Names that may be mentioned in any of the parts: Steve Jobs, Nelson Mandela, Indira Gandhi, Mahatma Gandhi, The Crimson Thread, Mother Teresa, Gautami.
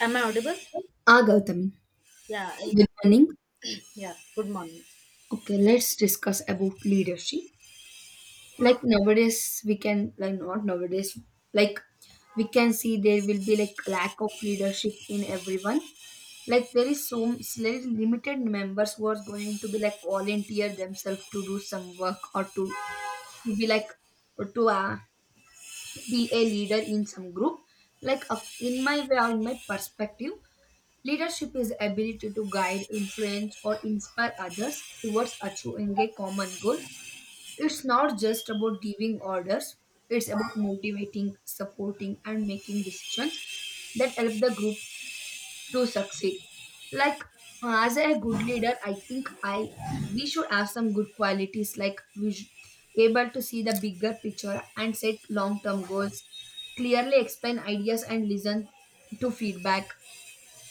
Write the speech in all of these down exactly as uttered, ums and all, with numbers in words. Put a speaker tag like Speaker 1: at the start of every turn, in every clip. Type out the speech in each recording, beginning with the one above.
Speaker 1: Am I audible?
Speaker 2: Ah, Gautami.
Speaker 1: Yeah. I-
Speaker 2: Good morning.
Speaker 1: Yeah. Good morning.
Speaker 2: Okay, let's discuss about leadership. Like nowadays, we can like Not nowadays. Like we can see there will be like lack of leadership in everyone. Like there is so very limited members who are going to be like volunteer themselves to do some work or to to be like or to uh, be a leader in some group. Like uh, in my way or in my perspective, leadership is ability to guide, influence, or inspire others towards achieving a common goal. It's not just about giving orders, it's about motivating, supporting, and making decisions that help the group to succeed. Like, uh, as a good leader, I think I we should have some good qualities like we should able to see the bigger picture and set long-term goals, clearly explain ideas and listen to feedback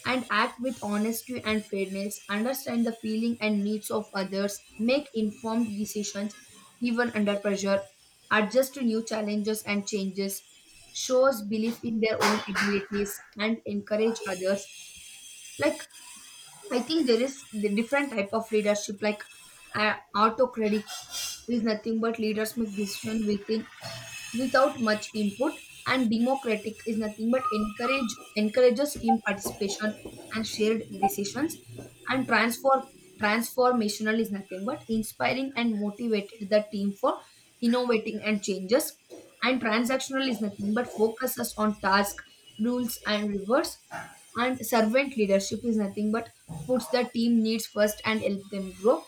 Speaker 2: and act with honesty and fairness, understand the feeling and needs of others, make informed decisions even under pressure, adjust to new challenges and changes, shows belief in their own abilities and encourage others. Like I think there is the different type of leadership like uh, autocratic is nothing but leaders make decision within without much input, and democratic is nothing but encourage encourages team participation and shared decisions, and transform transformational is nothing but inspiring and motivated the team for innovating and changes, and transactional is nothing but focuses on task, rules and rewards, and servant leadership is nothing but puts the team needs first and help them grow.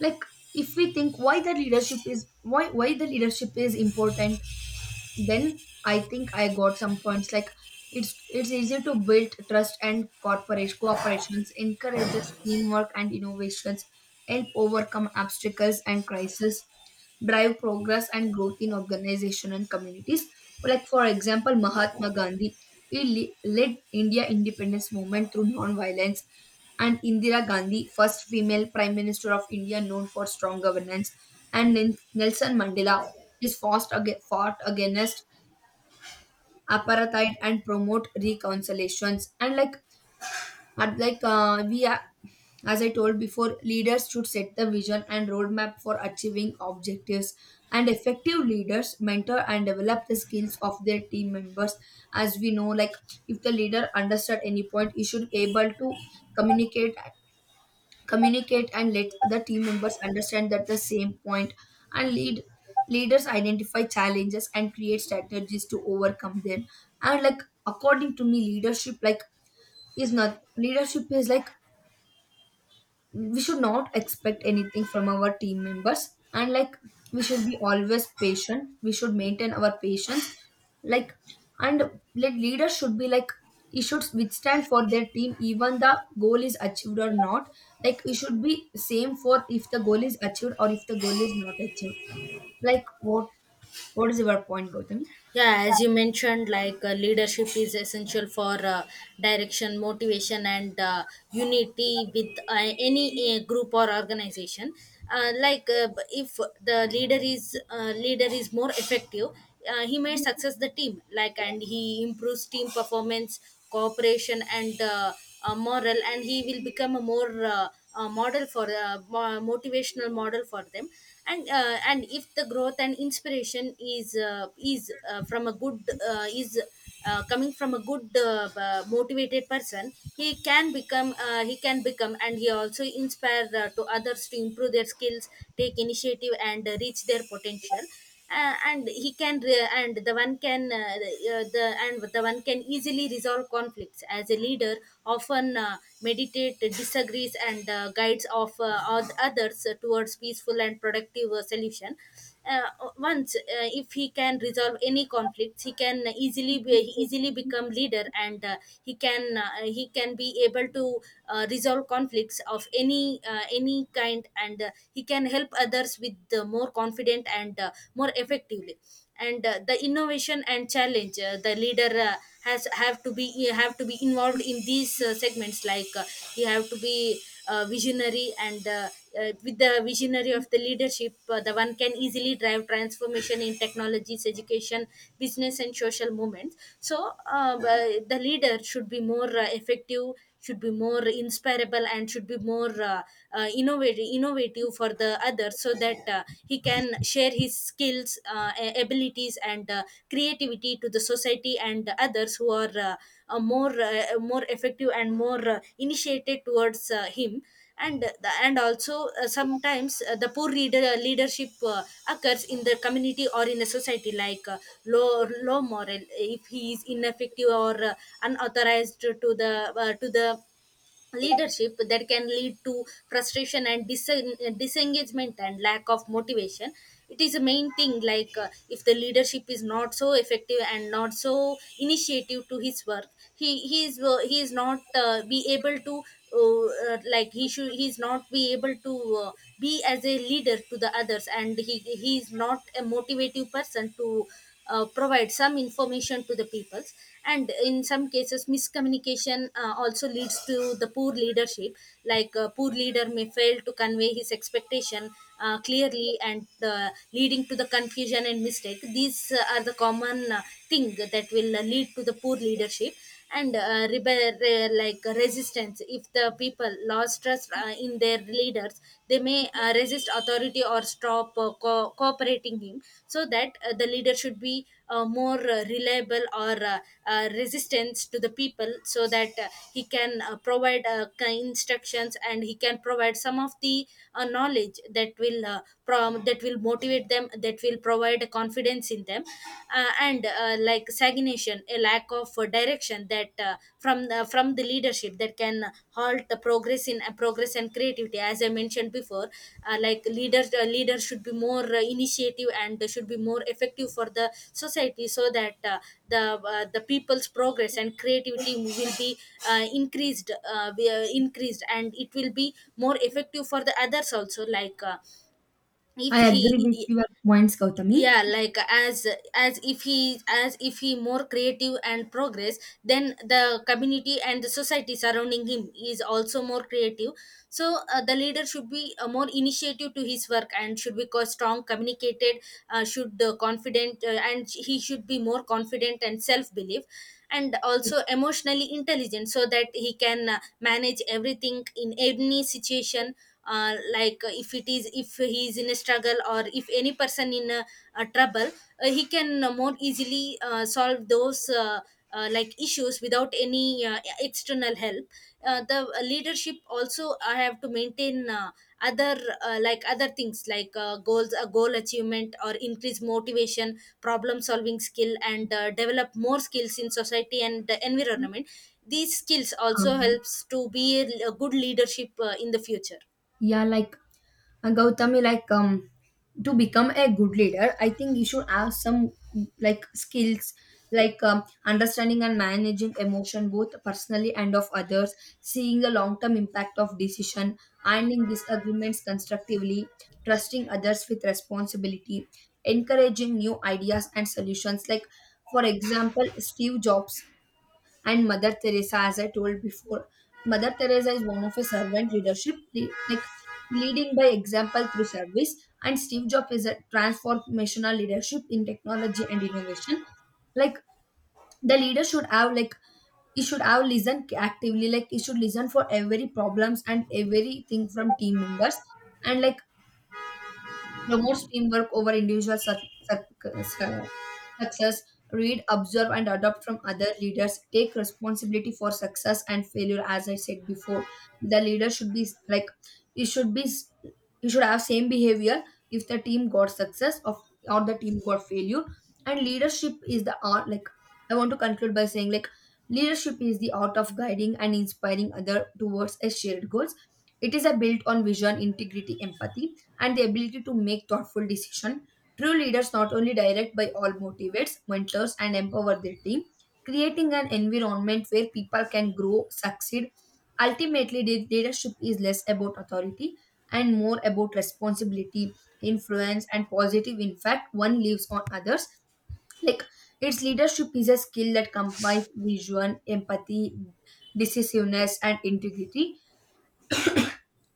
Speaker 2: Like if we think why the leadership is why why the leadership is important, then I think I got some points like it's it's easy to build trust and corporate cooperations, encourages teamwork and innovations, help overcome obstacles and crises, drive progress and growth in organization and communities. Like for example Mahatma Gandhi, he le- led India independence movement through non-violence, and Indira Gandhi, first female Prime Minister of India known for strong governance, and Nin- Nelson Mandela, is fought, ag- fought against apartheid and promote reconciliations. And like and like uh, We are, as I told before, leaders should set the vision and roadmap for achieving objectives. And effective leaders mentor and develop the skills of their team members. As we know, like if the leader understood any point, he should able to communicate communicate and let other team members understand that the same point, and lead leaders identify challenges and create strategies to overcome them. And like according to me leadership like is not leadership is like we should not expect anything from our team members, and like we should be always patient, we should maintain our patience. Like and like leaders should be like you should withstand for their team even the goal is achieved or not. Like you should be same for if the goal is achieved or if the goal is not achieved. Like what what is your point, Gautami?
Speaker 1: Yeah, as you mentioned, like uh, leadership is essential for uh, direction, motivation, and uh, unity with uh, any uh, group or organization. Uh, like uh, b- if the leader is uh, leader is more effective, uh, he may success the team. Like and he improves team performance, cooperation, and uh, uh, moral, and he will become a more uh, uh, model for uh, mo- motivational model for them and uh, and if the growth and inspiration is uh, is uh, from a good uh, is uh, coming from a good uh, uh, motivated person he can become uh, he can become, and he also inspire uh, to others to improve their skills, take initiative, and uh, reach their potential. Uh, and he can re- and the one can uh, uh, the and the one can easily resolve conflicts as a leader often uh, meditate disagrees and uh, guides of uh, oth- others towards peaceful and productive uh, solution. uh, Once uh, if he can resolve any conflicts he can easily be, easily become leader, and uh, he can uh, he can be able to uh, resolve conflicts of any uh, any kind, and uh, he can help help others with uh, more confident and uh, more effectively. And uh, the innovation and challenge, uh, the leader uh, has have to be have to be involved in these uh, segments. Like uh, you have to be uh, visionary, and uh, uh, with the visionary of the leadership, uh, the one can easily drive transformation in technologies, education, business, and social movements. So uh, uh, the leader should be more uh, effective, should be more inspirable, and should be more uh, uh, innovative innovative for the other, so that uh, he can share his skills uh, a- abilities, and uh, creativity to the society and others who are uh, uh, more uh, more effective and more uh, initiated towards uh, him. And the, and also uh, sometimes uh, the poor reader, uh, leadership uh, occurs in the community or in a society, like uh, low low moral. If he is ineffective or uh, unauthorized to the uh, to the leadership, that can lead to frustration and disen- disengagement and lack of motivation. It is a main thing, like uh, if the leadership is not so effective and not so initiative to his work, he he is uh, he is not uh, be able to uh, uh, like he should he is not be able to uh, be as a leader to the others, and he he is not a motivative person to uh, provide some information to the peoples. And in some cases miscommunication uh, also leads to the poor leadership. Like a poor leader may fail to convey his expectation uh, clearly and uh, leading to the confusion and mistake. These uh, are the common uh, thing that will uh, lead to the poor leadership. And uh, rebel, re- like resistance, if the people lost trust uh, in their leaders, they may uh, resist authority or stop uh, co- cooperating him. So that uh, the leader should be uh, more uh, reliable or uh, uh, resistance to the people, so that uh, he can uh, provide uh, ki- instructions, and he can provide some of the uh, knowledge that will uh, prom- that will motivate them, that will provide confidence in them them. Uh, and uh, Like stagnation, a lack of uh, direction, that uh, from the, from the leadership, that can halt the progress in uh, progress and creativity. As I mentioned before, uh, like leaders uh, leaders should be more uh, initiative and they should be more effective for the society, so that uh, the uh, the people's progress and creativity will be uh, increased uh, we- uh, increased, and it will be more effective for the others also. Like uh,
Speaker 2: I
Speaker 1: if
Speaker 2: agree with
Speaker 1: he,
Speaker 2: your points, Gautami.
Speaker 1: yeah, like as as if he as if he more creative and progress, then the community and the society surrounding him is also more creative. So uh, the leader should be uh, more initiative to his work and should be co- strong communicated, uh, should uh, confident uh, and he should be more confident and self belief, and also emotionally intelligent, so that he can uh, manage everything in any situation. Uh, like uh, if it is, if he is in a struggle, or if any person in a, a trouble, uh, he can uh, more easily uh, solve those uh, uh, like issues without any uh, external help. Uh, the uh, leadership also I have to maintain uh, other uh, like other things, like uh, goals a goal achievement, or increase motivation, problem solving skill, and uh, develop more skills in society and the environment. These skills also
Speaker 2: um,
Speaker 1: helps to be a, a good leadership uh, in the future.
Speaker 2: yeah like uh, Gautami, like um, to become a good leader, I think you should have some like skills like um, understanding and managing emotion both personally and of others, seeing the long term impact of decision, handling disagreements constructively, trusting others with responsibility, encouraging new ideas and solutions. Like for example Steve Jobs and Mother Teresa, as I told before. Mother Teresa is one of a servant leadership, le- like leading by example through service, and Steve Jobs is a transformational leadership in technology and innovation. Like the leader should have like he should have listen actively, like he should listen for every problems and everything from team members, and like promotes teamwork over individual cir- cir- success, read, observe, and adopt from other leaders. Take responsibility for success and failure, as I said before. The leader should be like, it should be, you should have same behavior if the team got success of or the team got failure. And leadership is the art. Like I want to conclude by saying, like leadership is the art of guiding and inspiring other towards a shared goals. It is a built on vision, integrity, empathy, and the ability to make thoughtful decision. True leaders not only direct but all motivates, mentors, and empower their team, creating an environment where people can grow, succeed. Ultimately, lead- leadership is less about authority and more about responsibility, influence, and positive impact one leaves on others. Like its leadership is a skill that combines vision, empathy, decisiveness, and integrity.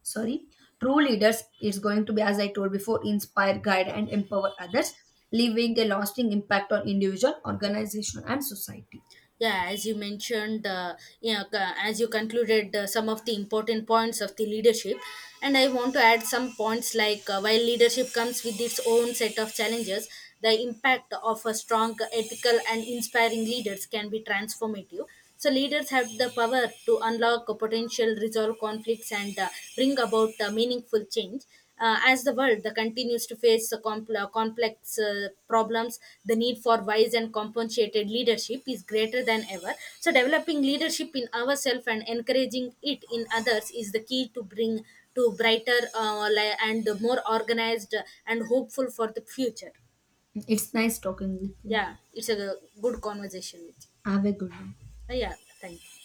Speaker 2: Sorry, true leaders is going to be as I told before inspire guide and empower others, leaving a lasting impact on individual organization and society.
Speaker 1: yeah as you mentioned uh, yeah, c- as you concluded uh, some of the important points of the leadership, and I want to add some points, like uh, while leadership comes with its own set of challenges, the impact of a strong ethical and inspiring leaders can be transformative. So leaders have the power to unlock a potential, resolve conflicts, and uh, bring about uh, meaningful change. Uh, as the world uh, continues to face uh, compl- uh, complex uh, problems, the need for wise and compensated leadership is greater than ever. So developing leadership in ourselves and encouraging it in others is the key to bring to brighter uh, li- and more organized and hopeful for the future.
Speaker 2: It's nice talking with
Speaker 1: Yeah,
Speaker 2: you.
Speaker 1: it's a good conversation with
Speaker 2: Have a good day.
Speaker 1: you. Uh, Yeah, thank you.